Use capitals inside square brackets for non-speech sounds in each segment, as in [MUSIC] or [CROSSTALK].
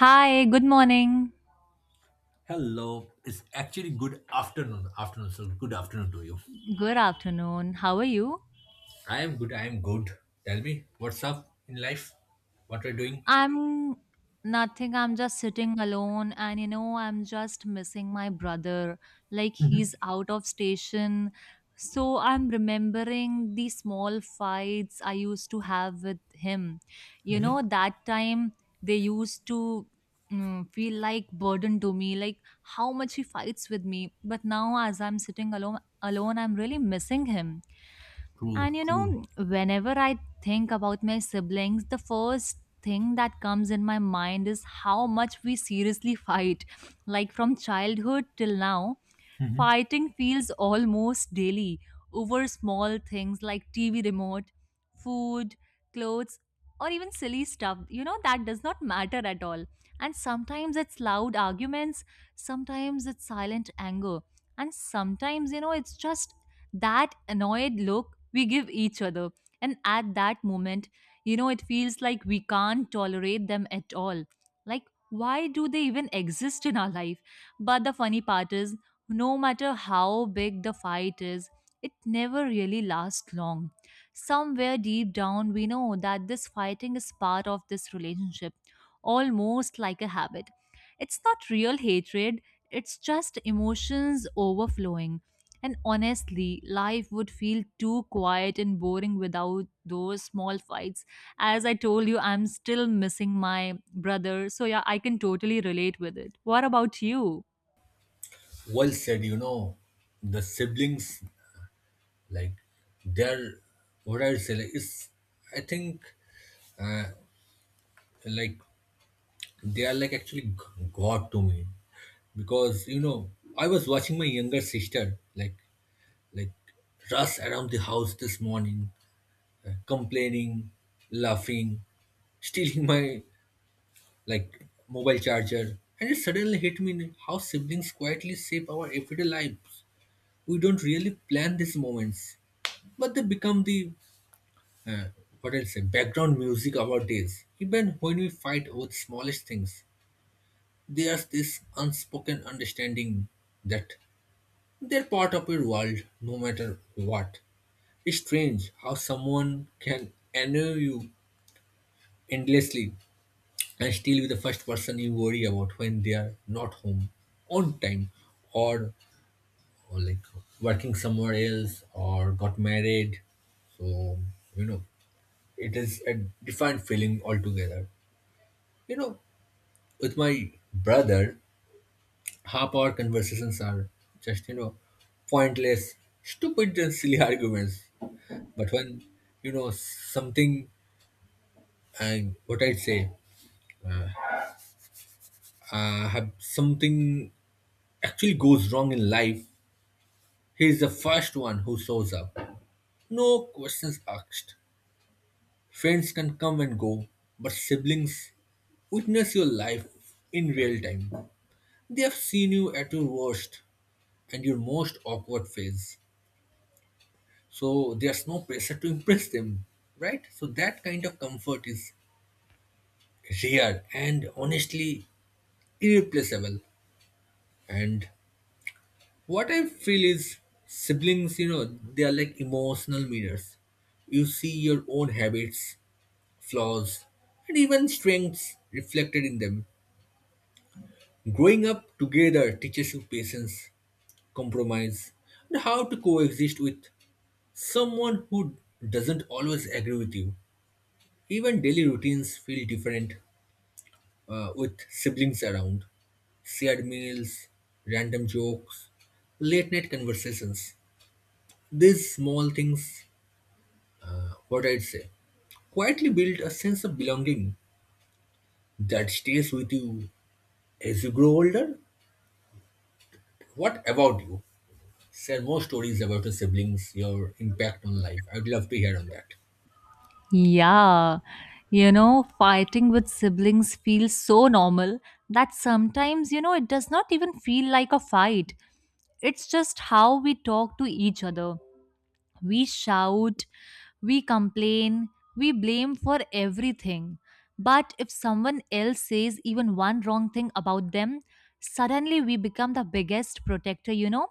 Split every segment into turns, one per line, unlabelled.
Hi, good morning.
Hello. It's actually good afternoon. Afternoon, so good afternoon to you.
Good afternoon. How are you?
I am good. I am good. Tell me, what's up in life? What are you doing?
I'm Nothing. I'm just sitting alone and I'm just missing my brother. Like he's out of station. So I'm remembering the small fights I used to have with him. That time, they used to feel like burden to me, like how much he fights with me. But now, as I'm sitting alone, I'm really missing him.
True,
And you
true.
know, whenever I think about my siblings, the first thing that comes in my mind is how much we seriously fight. Like from childhood till now, fighting feels almost daily over small things like TV remote, food, clothes, or even silly stuff. That does not matter at all. And sometimes it's loud arguments, sometimes it's silent anger, and sometimes, it's just that annoyed look we give each other. And at that moment, it feels like we can't tolerate them at all. Like, why do they even exist in our life? But the funny part is, no matter how big the fight is, it never really lasts long. Somewhere deep down, we know that this fighting is part of this relationship, almost like a habit. It's not real hatred, it's just emotions overflowing. And honestly, life would feel too quiet and boring without those small fights. As I told you, I'm still missing my brother. So, yeah, I can totally relate with it. What about you?
Well said. You know, the siblings, like, they're what I would say. Like, it's I think like they are like actually god to me, because you know I was watching my younger sister like rush around the house this morning complaining, laughing, stealing my like mobile charger. And it suddenly hit me how siblings quietly shape our everyday lives. We don't really plan these moments, but they become the uh, what I'll say background music of our days. Even when we fight over the smallest things, there's this unspoken understanding that they're part of your world, no matter what. It's strange how someone can annoy you endlessly and still be the first person you worry about when they are not home on time or, or working somewhere else or got married, so you know it is a different feeling altogether. You know, with my brother half our conversations are just, you know, pointless, stupid and silly [LAUGHS] arguments. But when you know something and what I'd say, have something actually goes wrong in life, he is the first one who shows up. No questions asked. Friends can come and go, but siblings witness your life in real time. They have seen you at your worst and your most awkward phase. So there's no pressure to impress them, right? So that kind of comfort is rare and, honestly, irreplaceable. And what I feel is siblings, you know, they are like emotional mirrors. You see your own habits, flaws, and even strengths reflected in them. Growing up together teaches you patience, compromise, and how to coexist with someone who doesn't always agree with you. Even daily routines feel different with siblings around. Shared meals, random jokes, late night conversations. These small things, what I'd say, quietly build a sense of belonging that stays with you as you grow older. What about you? Share more stories about your siblings, your impact on life. I'd love to hear on that.
Yeah, fighting with siblings feels so normal that sometimes, it does not even feel like a fight. It's just how we talk to each other. We shout, we complain, we blame for everything. But if someone else says even one wrong thing about them, suddenly we become the biggest protector, you know?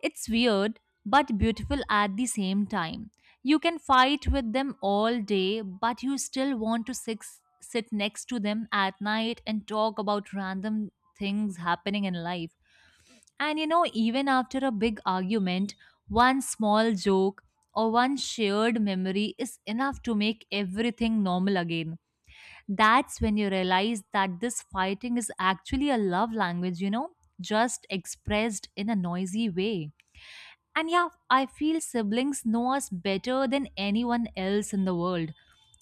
It's weird but beautiful at the same time. You can fight with them all day, but you still want to sit next to them at night and talk about random things happening in life. And even after a big argument, one small joke or one shared memory is enough to make everything normal again. That's when you realize that this fighting is actually a love language, just expressed in a noisy way. And yeah, I feel siblings know us better than anyone else in the world.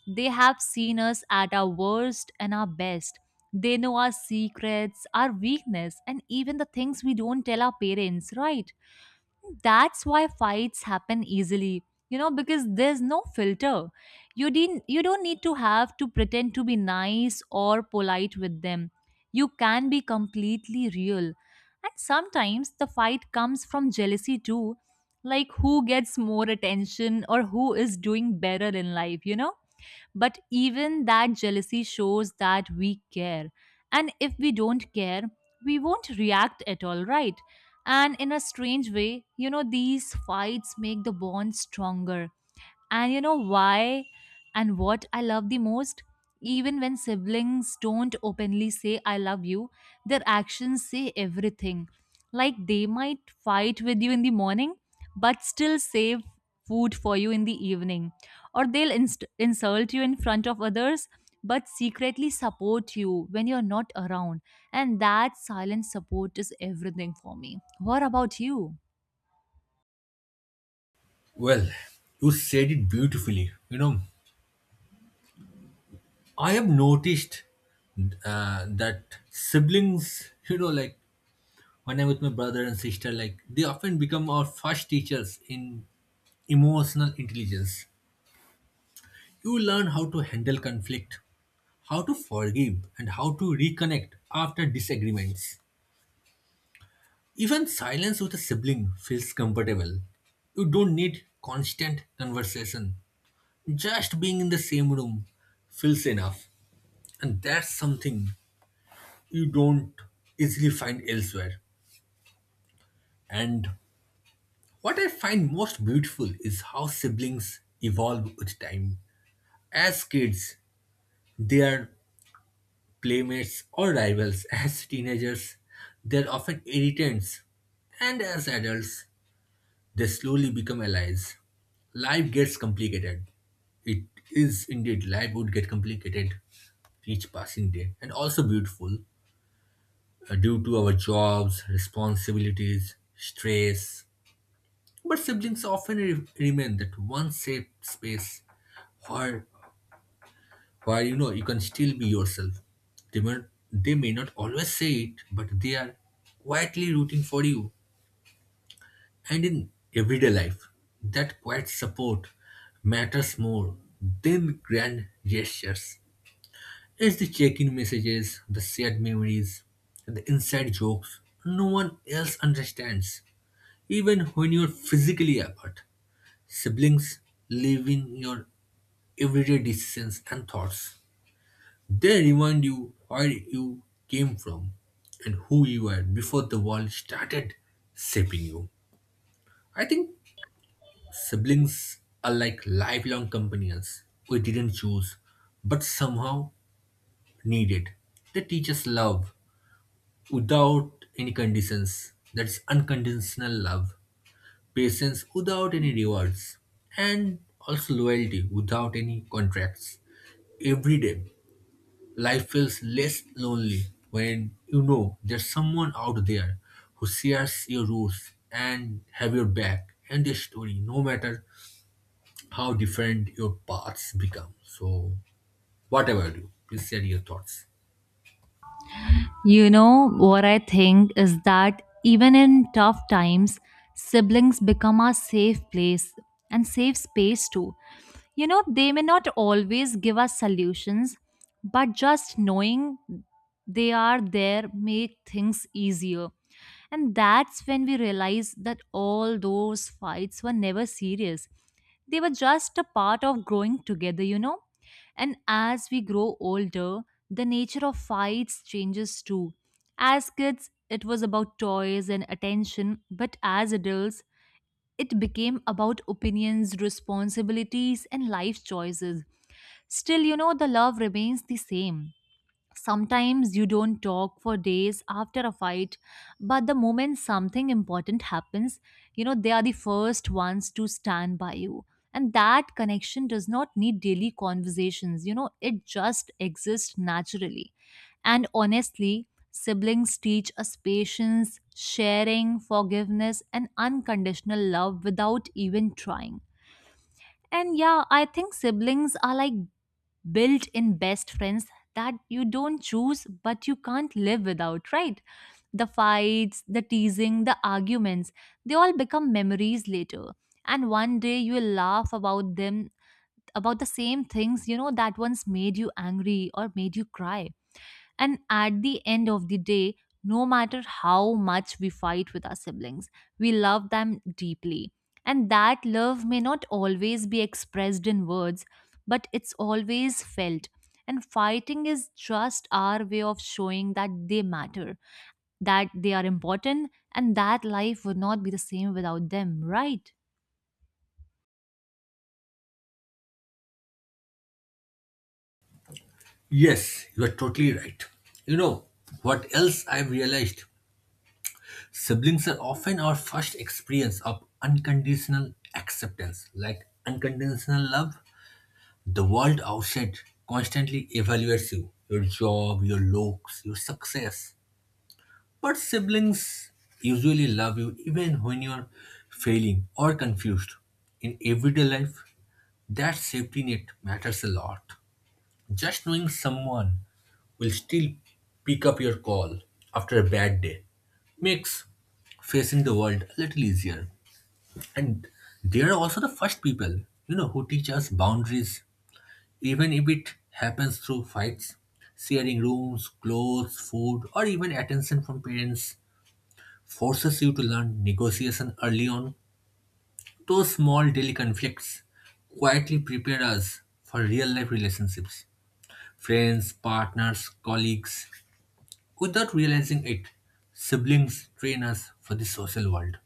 They have seen us at our worst and our best. They know our secrets, our weakness, and even the things we don't tell our parents, right? That's why fights happen easily because there's no filter. You don't need to have to pretend to be nice or polite with them. You can be completely real. And sometimes the fight comes from jealousy too, like who gets more attention or who is doing better in life, but even that jealousy shows that we care. And if we don't care, we won't react at all, right? And in a strange way, these fights make the bond stronger. And you know why? And what I love the most? Even when siblings don't openly say, I love you, their actions say everything. Like they might fight with you in the morning, but still save food for you in the evening. Or they'll insult you in front of others, but secretly support you when you're not around. And that silent support is everything for me. What about you?
Well, you said it beautifully. You know, I have noticed that siblings, you know, like when I'm with my brother and sister, like they often become our first teachers in emotional intelligence. You learn how to handle conflict, how to forgive, and how to reconnect after disagreements. Even silence with a sibling feels comfortable. You don't need constant conversation. Just being in the same room feels enough. And that's something you don't easily find elsewhere. And what I find most beautiful is how siblings evolve with time. As kids, they are playmates or rivals. [LAUGHS] As teenagers, they are often irritants. And as adults, they slowly become allies. Life gets complicated. It is indeed, life would get complicated each passing day and also beautiful due to our jobs, responsibilities, stress. But siblings often remain that one safe space where, where you know you can still be yourself. They may, they may not always say it, but they are quietly rooting for you. And in everyday life, that quiet support matters more than grand gestures. It's the check in messages, the shared memories, and the inside jokes no one else understands, even when you're physically apart. Siblings live in your everyday decisions and thoughts. They remind you where you came from and who you were before the world started shaping you. I think siblings are like lifelong companions we didn't choose, but somehow needed. They teach us love without any conditions. That's unconditional love, patience without any rewards, and also loyalty without any contracts. Every day, life feels less lonely when you know there's someone out there who shares your roots and have your back and their story, no matter how different your paths become. So, whatever about you? Do, please share your thoughts.
What I think is that even in tough times, siblings become our safe place and safe space too. They may not always give us solutions, but just knowing they are there make things easier. And that's when we realize that all those fights were never serious. They were just a part of growing together, you know? And as we grow older, the nature of fights changes too. As kids, it was about toys and attention, but as adults, it became about opinions, responsibilities, and life choices. Still, the love remains the same. Sometimes you don't talk for days after a fight, but the moment something important happens, they are the first ones to stand by you. And that connection does not need daily conversations, it just exists naturally. And honestly, siblings teach us patience, sharing, forgiveness, and unconditional love without even trying. And yeah, I think siblings are like built in best friends that you don't choose but you can't live without, right? The fights, the teasing, the arguments, they all become memories later. And one day you will laugh about them, about the same things, that once made you angry or made you cry. And at the end of the day, no matter how much we fight with our siblings, we love them deeply. And that love may not always be expressed in words, but it's always felt. And fighting is just our way of showing that they matter, that they are important, and that life would not be the same without them, right?
Yes, you are totally right. You know, what else I've realized? Siblings are often our first experience of unconditional acceptance. Like unconditional love, the world outside constantly evaluates you, your job, your looks, your success. But siblings usually love you even when you're failing or confused. In everyday life, that safety net matters a lot. Just knowing someone will still pick up your call after a bad day makes facing the world a little easier. And they are also the first people, you know, who teach us boundaries, even if it happens through fights. Sharing rooms, clothes, food, or even attention from parents forces you to learn negotiation early on. Those small daily conflicts quietly prepare us for real life relationships: friends, partners, colleagues, without realizing it. Siblings train us for the social world.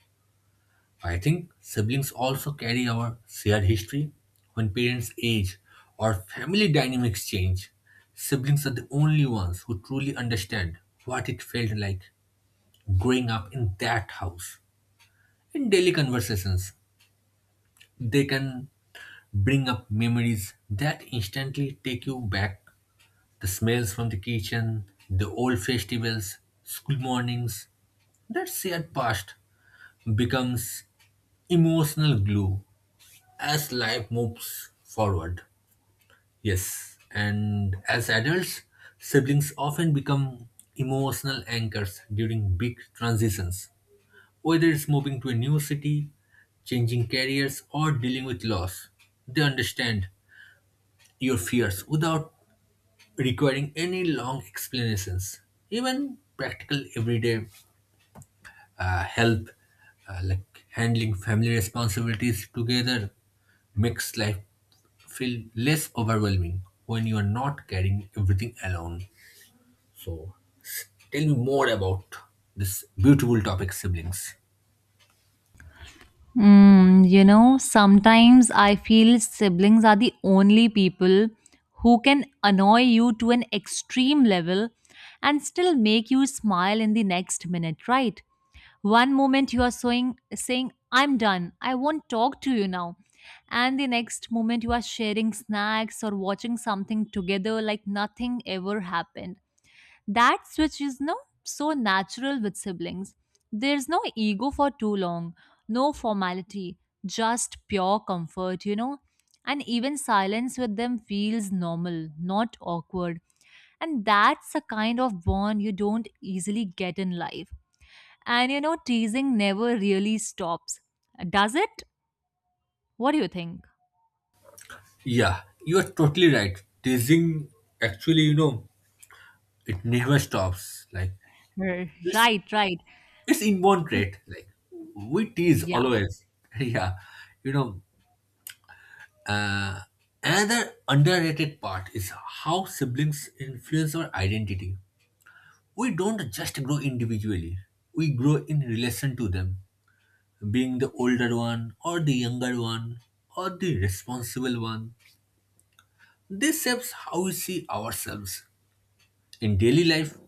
I think siblings also carry our shared history. When parents age or family dynamics change, siblings are the only ones who truly understand what it felt like growing up in that house. In daily conversations, they can bring up memories that instantly take you back. The smells from the kitchen, the old festivals, school mornings, that shared past becomes emotional glue as life moves forward. Yes, and as adults, siblings often become emotional anchors during big transitions, whether it's moving to a new city, changing careers, or dealing with loss. They understand your fears without requiring any long explanations. Even practical everyday help, like handling family responsibilities together, makes life feel less overwhelming when you are not carrying everything alone. So, tell me more about this beautiful topic, siblings.
Sometimes I feel siblings are the only people who can annoy you to an extreme level and still make you smile in the next minute, right? One moment you are saying I'm done, I won't talk to you now. And the next moment you are sharing snacks or watching something together like nothing ever happened. That switch is no so natural with siblings. There's no ego for too long, no formality, just pure comfort. And even silence with them feels normal, not awkward. And that's a kind of bond you don't easily get in life. And teasing never really stops. Does it? What do you think?
Yeah, you are totally right. Teasing, actually, you know, it never stops. Like, it's
Right, right.
it's inborn trait. Like we tease
Y-
always. [LAUGHS] Yeah, you know. Uh, Another underrated part is how siblings influence our identity. We don't just grow individually; we grow in relation to them, being the older one or the younger one or the responsible one. This shapes how we see ourselves. In daily life,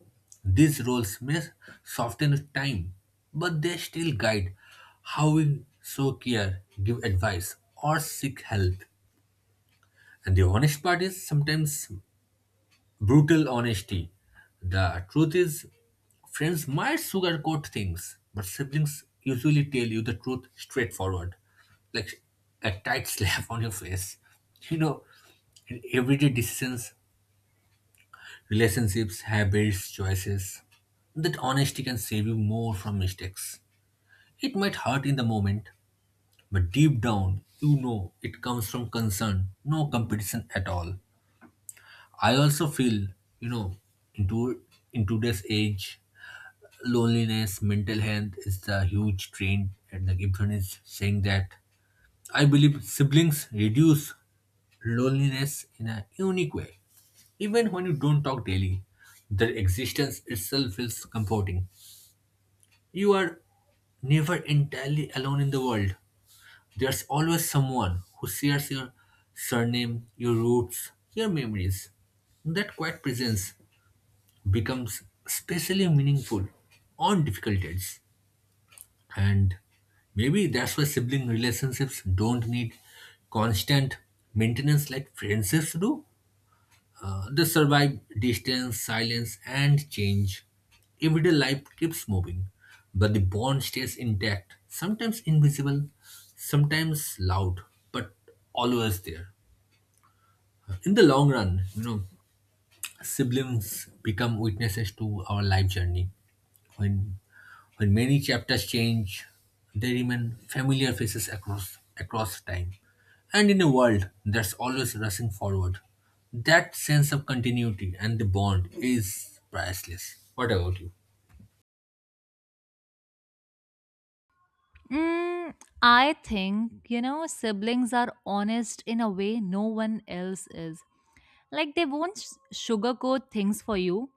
these roles may soften with time, but they still guide how we show care, give advice, or seek help. And the honest part is sometimes brutal honesty. The truth is, friends might sugarcoat things, but siblings usually tell you the truth straightforward, like a tight [LAUGHS] slap on your face. You know, in everyday decisions, relationships, habits, choices. That honesty can save you more from mistakes. It might hurt in the moment, but deep down, you know it comes from concern, no competition at all. I also feel, you know, into in today's age, loneliness, mental health is the huge trend, and the Gibson is saying that. I believe siblings reduce loneliness in a unique way. Even when you don't talk daily, their existence itself feels comforting. You are never entirely alone in the world. There's always someone who shares your surname, your roots, your memories. That quiet presence becomes especially meaningful on difficult days. And maybe that's why sibling relationships don't need constant maintenance like friendships do. They survive distance, silence, and change. Everyday life keeps moving, but the bond stays intact, sometimes invisible, sometimes loud, but always there. In the long run, you know, siblings become witnesses to our life journey. When when many chapters change, they remain familiar faces across time. And in a world that's always rushing forward, that sense of continuity and the bond is priceless. What about you?
Mm, I think, siblings are honest in a way no one else is. Like they won't sugarcoat things for you.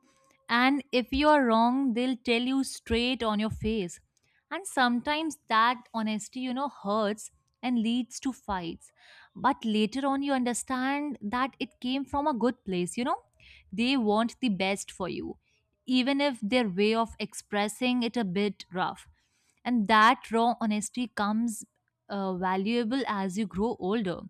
And if you're wrong, they'll tell you straight on your face. And sometimes that honesty, hurts and leads to fights. But later on, you understand that it came from a good place, you know? They want the best for you, even if their way of expressing it a bit rough. And that raw honesty comes valuable as you grow older.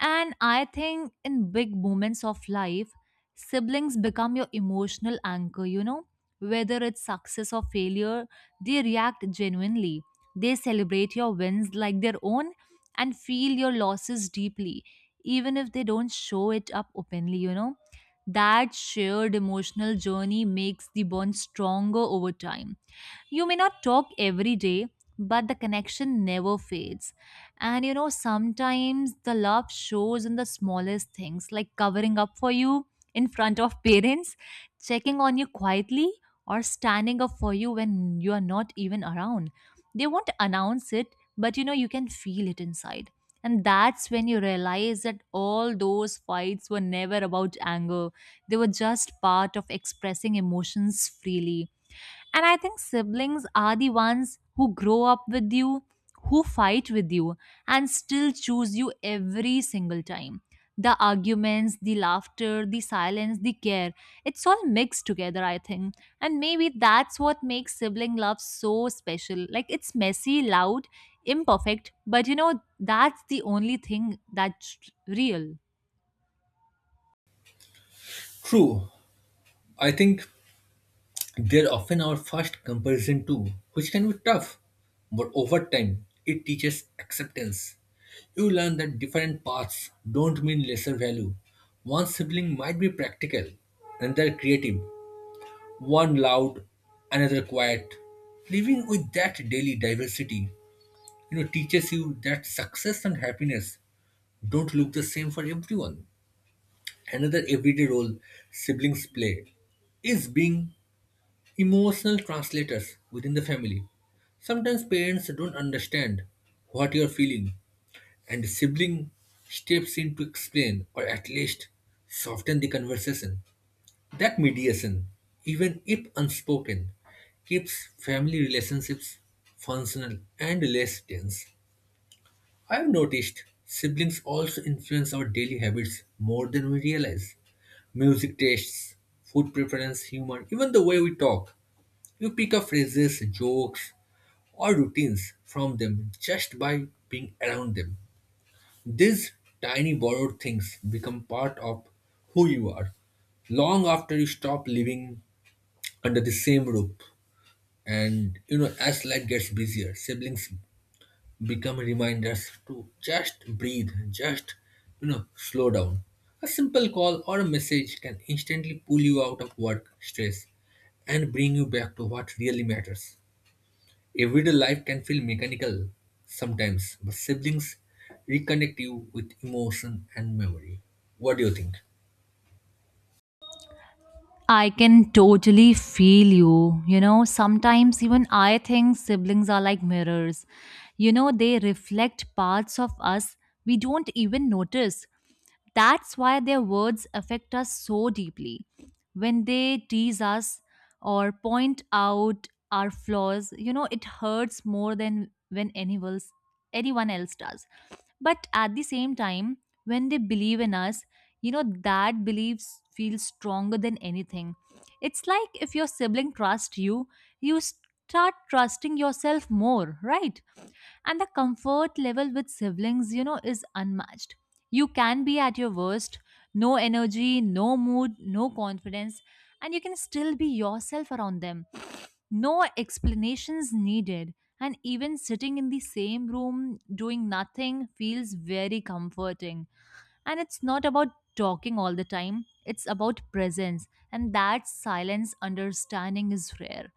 And I think in big moments of life, siblings become your emotional anchor, you know? Whether it's success or failure, they react genuinely. They celebrate your wins like their own and feel your losses deeply, even if they don't show it up openly, you know? That shared emotional journey makes the bond stronger over time. You may not talk every day, but the connection never fades. And sometimes the love shows in the smallest things, like covering up for you in front of parents, checking on you quietly, or standing up for you when you are not even around. They won't announce it, but you can feel it inside. And that's when you realize that all those fights were never about anger. They were just part of expressing emotions freely. And I think siblings are the ones who grow up with you, who fight with you, and still choose you every single time. The arguments, the laughter, the silence, the care, it's all mixed together, I think. And maybe that's what makes sibling love so special. Like it's messy, loud, imperfect, but that's the only thing that's real.
True. I think they're often our first comparison too, which can be tough, but over time it teaches acceptance. You learn that different paths don't mean lesser value. One sibling might be practical, another creative, one loud, another quiet. Living with that daily diversity, you know, teaches you that success and happiness don't look the same for everyone. Another everyday role siblings play is being emotional translators within the family. Sometimes parents don't understand what you're feeling, and the sibling steps in to explain or at least soften the conversation. That mediation, even if unspoken, keeps family relationships functional and less tense. I've noticed siblings also influence our daily habits more than we realize: music tastes, food preference, humor, even the way we talk. You pick up phrases, jokes, or routines from them just by being around them. These tiny borrowed things become part of who you are long after you stop living under the same roof. And you know, as life gets busier, siblings become reminders to just breathe, just you know, slow down. A simple call or a message can instantly pull you out of work stress and bring you back to what really matters. Everyday life can feel mechanical sometimes, but siblings reconnect you with emotion and memory. What do you think?
I can totally feel you. Sometimes even I think siblings are like mirrors. They reflect parts of us we don't even notice. That's why their words affect us so deeply. When they tease us or point out our flaws, it hurts more than when anyone else does. But at the same time, when they believe in us, you know that beliefs feel stronger than anything. It's like if your sibling trusts you, you start trusting yourself more, right? And the comfort level with siblings is unmatched. You can be at your worst: no energy, no mood, no confidence. And you can still be yourself around them, no explanations needed. And even sitting in the same room doing nothing feels very comforting. And it's not about talking all the time, it's about presence. And that silence understanding is rare.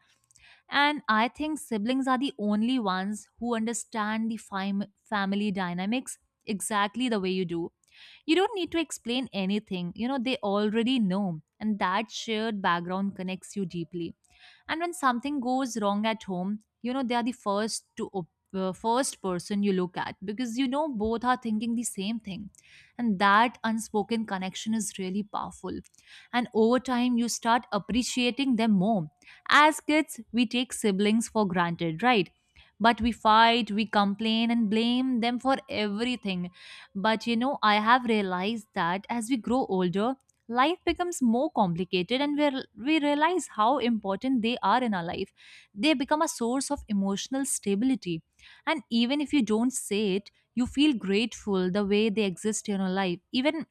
And I think siblings are the only ones who understand the family dynamics exactly the way you do. You don't need to explain anything, they already know. And that shared background connects you deeply. And when something goes wrong at home, they are the first to first person you look at because you know both are thinking the same thing. And that unspoken connection is really powerful. And over time, you start appreciating them more. As kids, we take siblings for granted, right? But we fight, we complain, and blame them for everything. But I have realized that as we grow older, life becomes more complicated, and we realize how important they are in our life. They become a source of emotional stability. And even if you don't say it, you feel grateful the way they exist in your life. Even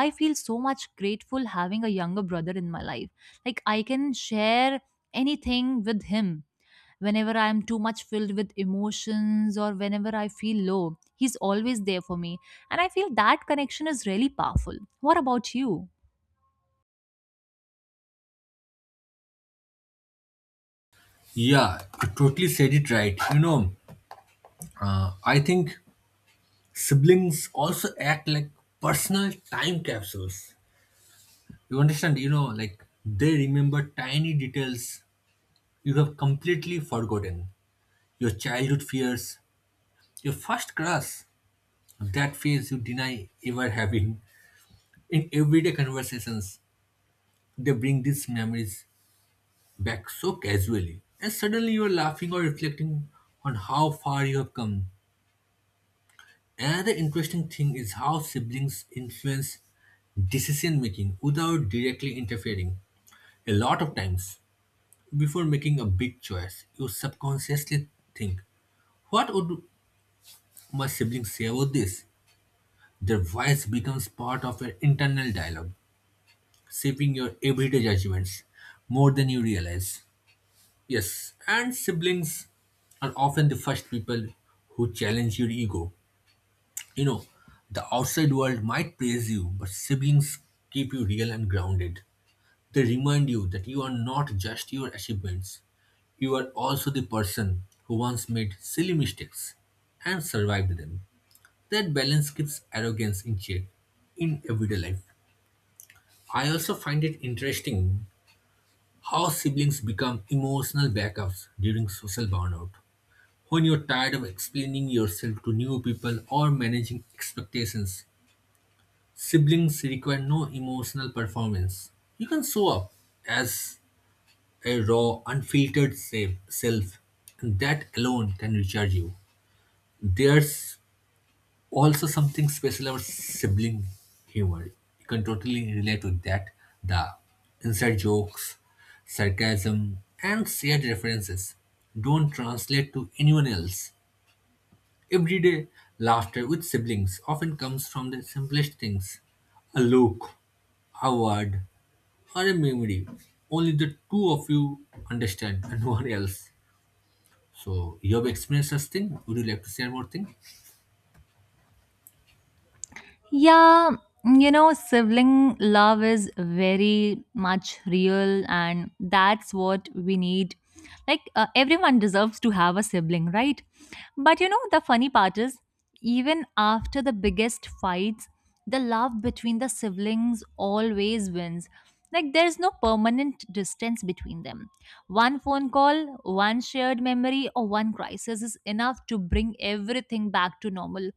I feel so much grateful having a younger brother in my life. Like, I can share anything with him. Whenever I am too much filled with emotions, or whenever I feel low, he's always there for me. And I feel that connection is really powerful. What about you?
Yeah, you totally said it right. You know, I think siblings also act like personal time capsules. You understand? You know, like they remember tiny details you have completely forgotten. Your childhood fears, your first crush, that phase you deny ever having. In everyday conversations, they bring these memories back so casually, and suddenly you are laughing or reflecting on how far you have come. Another interesting thing is how siblings influence decision making without directly interfering. A lot of times, before making a big choice, you subconsciously think, what would my siblings say about this? Their voice becomes part of your internal dialogue, shaping your everyday judgments more than you realize. Yes, and siblings are often the first people who challenge your ego. You know, the outside world might praise you, but siblings keep you real and grounded. They remind you that you are not just your achievements, you are also the person who once made silly mistakes and survived them. That balance keeps arrogance in check in everyday life. I also find it interesting how siblings become emotional backups during social burnout. When you're tired of explaining yourself to new people or managing expectations, siblings require no emotional performance. You can show up as a raw, unfiltered self, and that alone can recharge you. There's also something special about sibling humor. You can totally relate with that. The inside jokes, sarcasm, and shared references don't translate to anyone else. Everyday laughter with siblings often comes from the simplest things: a look, a word, or a memory. Only the two of you understand and [LAUGHS] no one else. So, you have experienced such thing? Would you like to share more thing?
Yeah, sibling love is very much real, and that's what we need. Like, everyone deserves to have a sibling, right? But the funny part is, even after the biggest fights, the love between the siblings always wins. Like, there's no permanent distance between them. One phone call, one shared memory, or one crisis is enough to bring everything back to normal.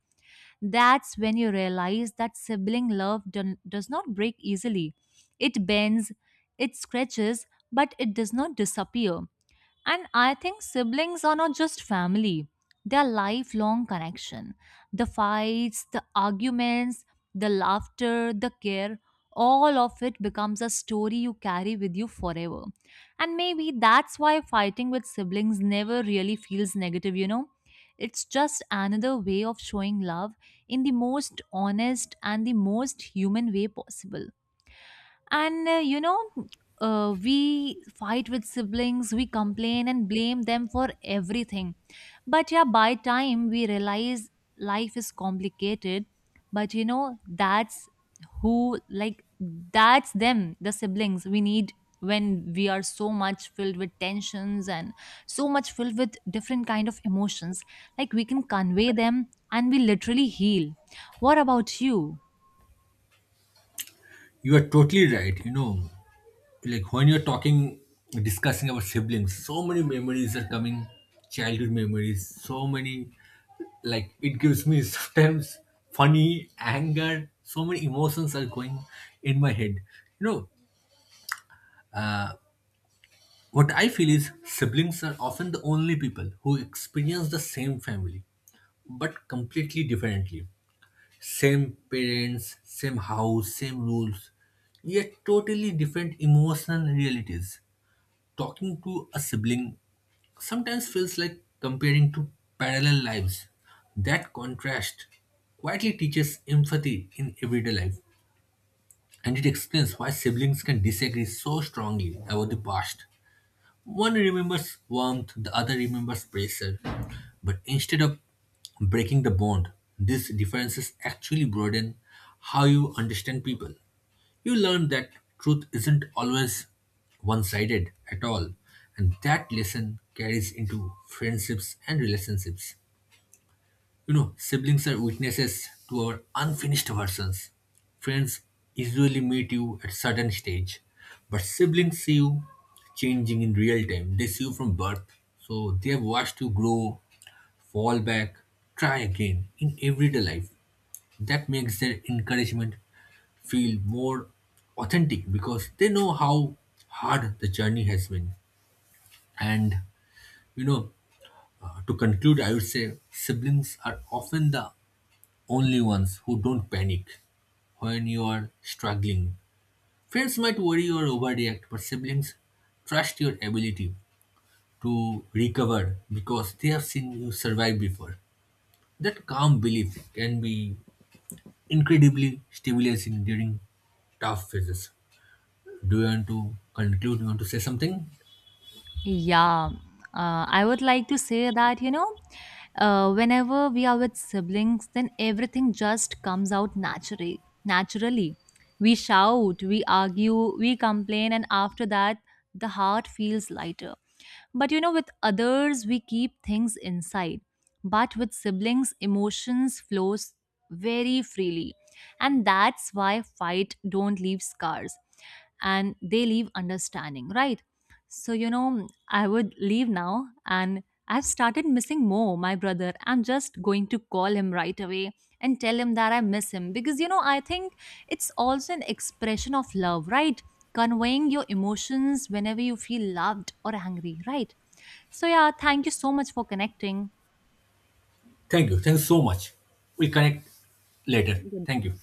That's when you realize that sibling love does not break easily. It bends, it stretches, but it does not disappear. And I think siblings are not just family, they are lifelong connection. The fights, the arguments, the laughter, the care, all of it becomes a story you carry with you forever. And maybe that's why fighting with siblings never really feels negative, you know? It's just another way of showing love in the most honest and the most human way possible. And we fight with siblings, we complain and blame them for everything. But yeah, by time we realize life is complicated. But like, that's them, the siblings we need when we are so much filled with tensions and so much filled with different kind of emotions, like we can convey them and we literally heal. What about you?
You are totally right. You know, like when you're talking, discussing about siblings, so many memories are coming, childhood memories, so many, like it gives me [LAUGHS] sometimes funny anger, so many emotions are going in my head, you know. What I feel is siblings are often the only people who experience the same family, but completely differently. Same parents, same house, same rules, yet totally different emotional realities. Talking to a sibling sometimes feels like comparing two parallel lives. That contrast quietly teaches empathy in everyday life, and it explains why siblings can disagree so strongly about the past. One remembers warmth, the other remembers pressure. But instead of breaking the bond, these differences actually broaden how you understand people. You learn that truth isn't always one sided at all, and that lesson carries into friendships and relationships. You know, siblings are witnesses to our unfinished versions. Friends usually meet you at certain stage, but siblings see you changing in real time. They see you from birth, so they have watched you grow, fall back, try again in everyday life. That makes their encouragement feel more authentic because they know how hard the journey has been. And you know, to conclude, I would say siblings are often the only ones who don't panic when you are struggling. Friends might worry or overreact, but siblings trust your ability to recover because they have seen you survive before. That calm belief can be incredibly stimulating during tough phases. Do you want to conclude? You want to say something?
Yeah, I would like to say that, whenever we are with siblings, then everything just comes out naturally. Naturally, we shout, we argue, we complain, and after that, the heart feels lighter. But with others, we keep things inside. But with siblings, emotions flows very freely. And that's why fight don't leave scars and they leave understanding, right? So, I would leave now and I've started missing my brother. I'm just going to call him right away and tell him that I miss him because, I think it's also an expression of love, right? Conveying your emotions whenever you feel loved or angry, right? So, yeah, thank you so much for connecting.
Thank you. Thanks so much. We'll connect later. Thank you.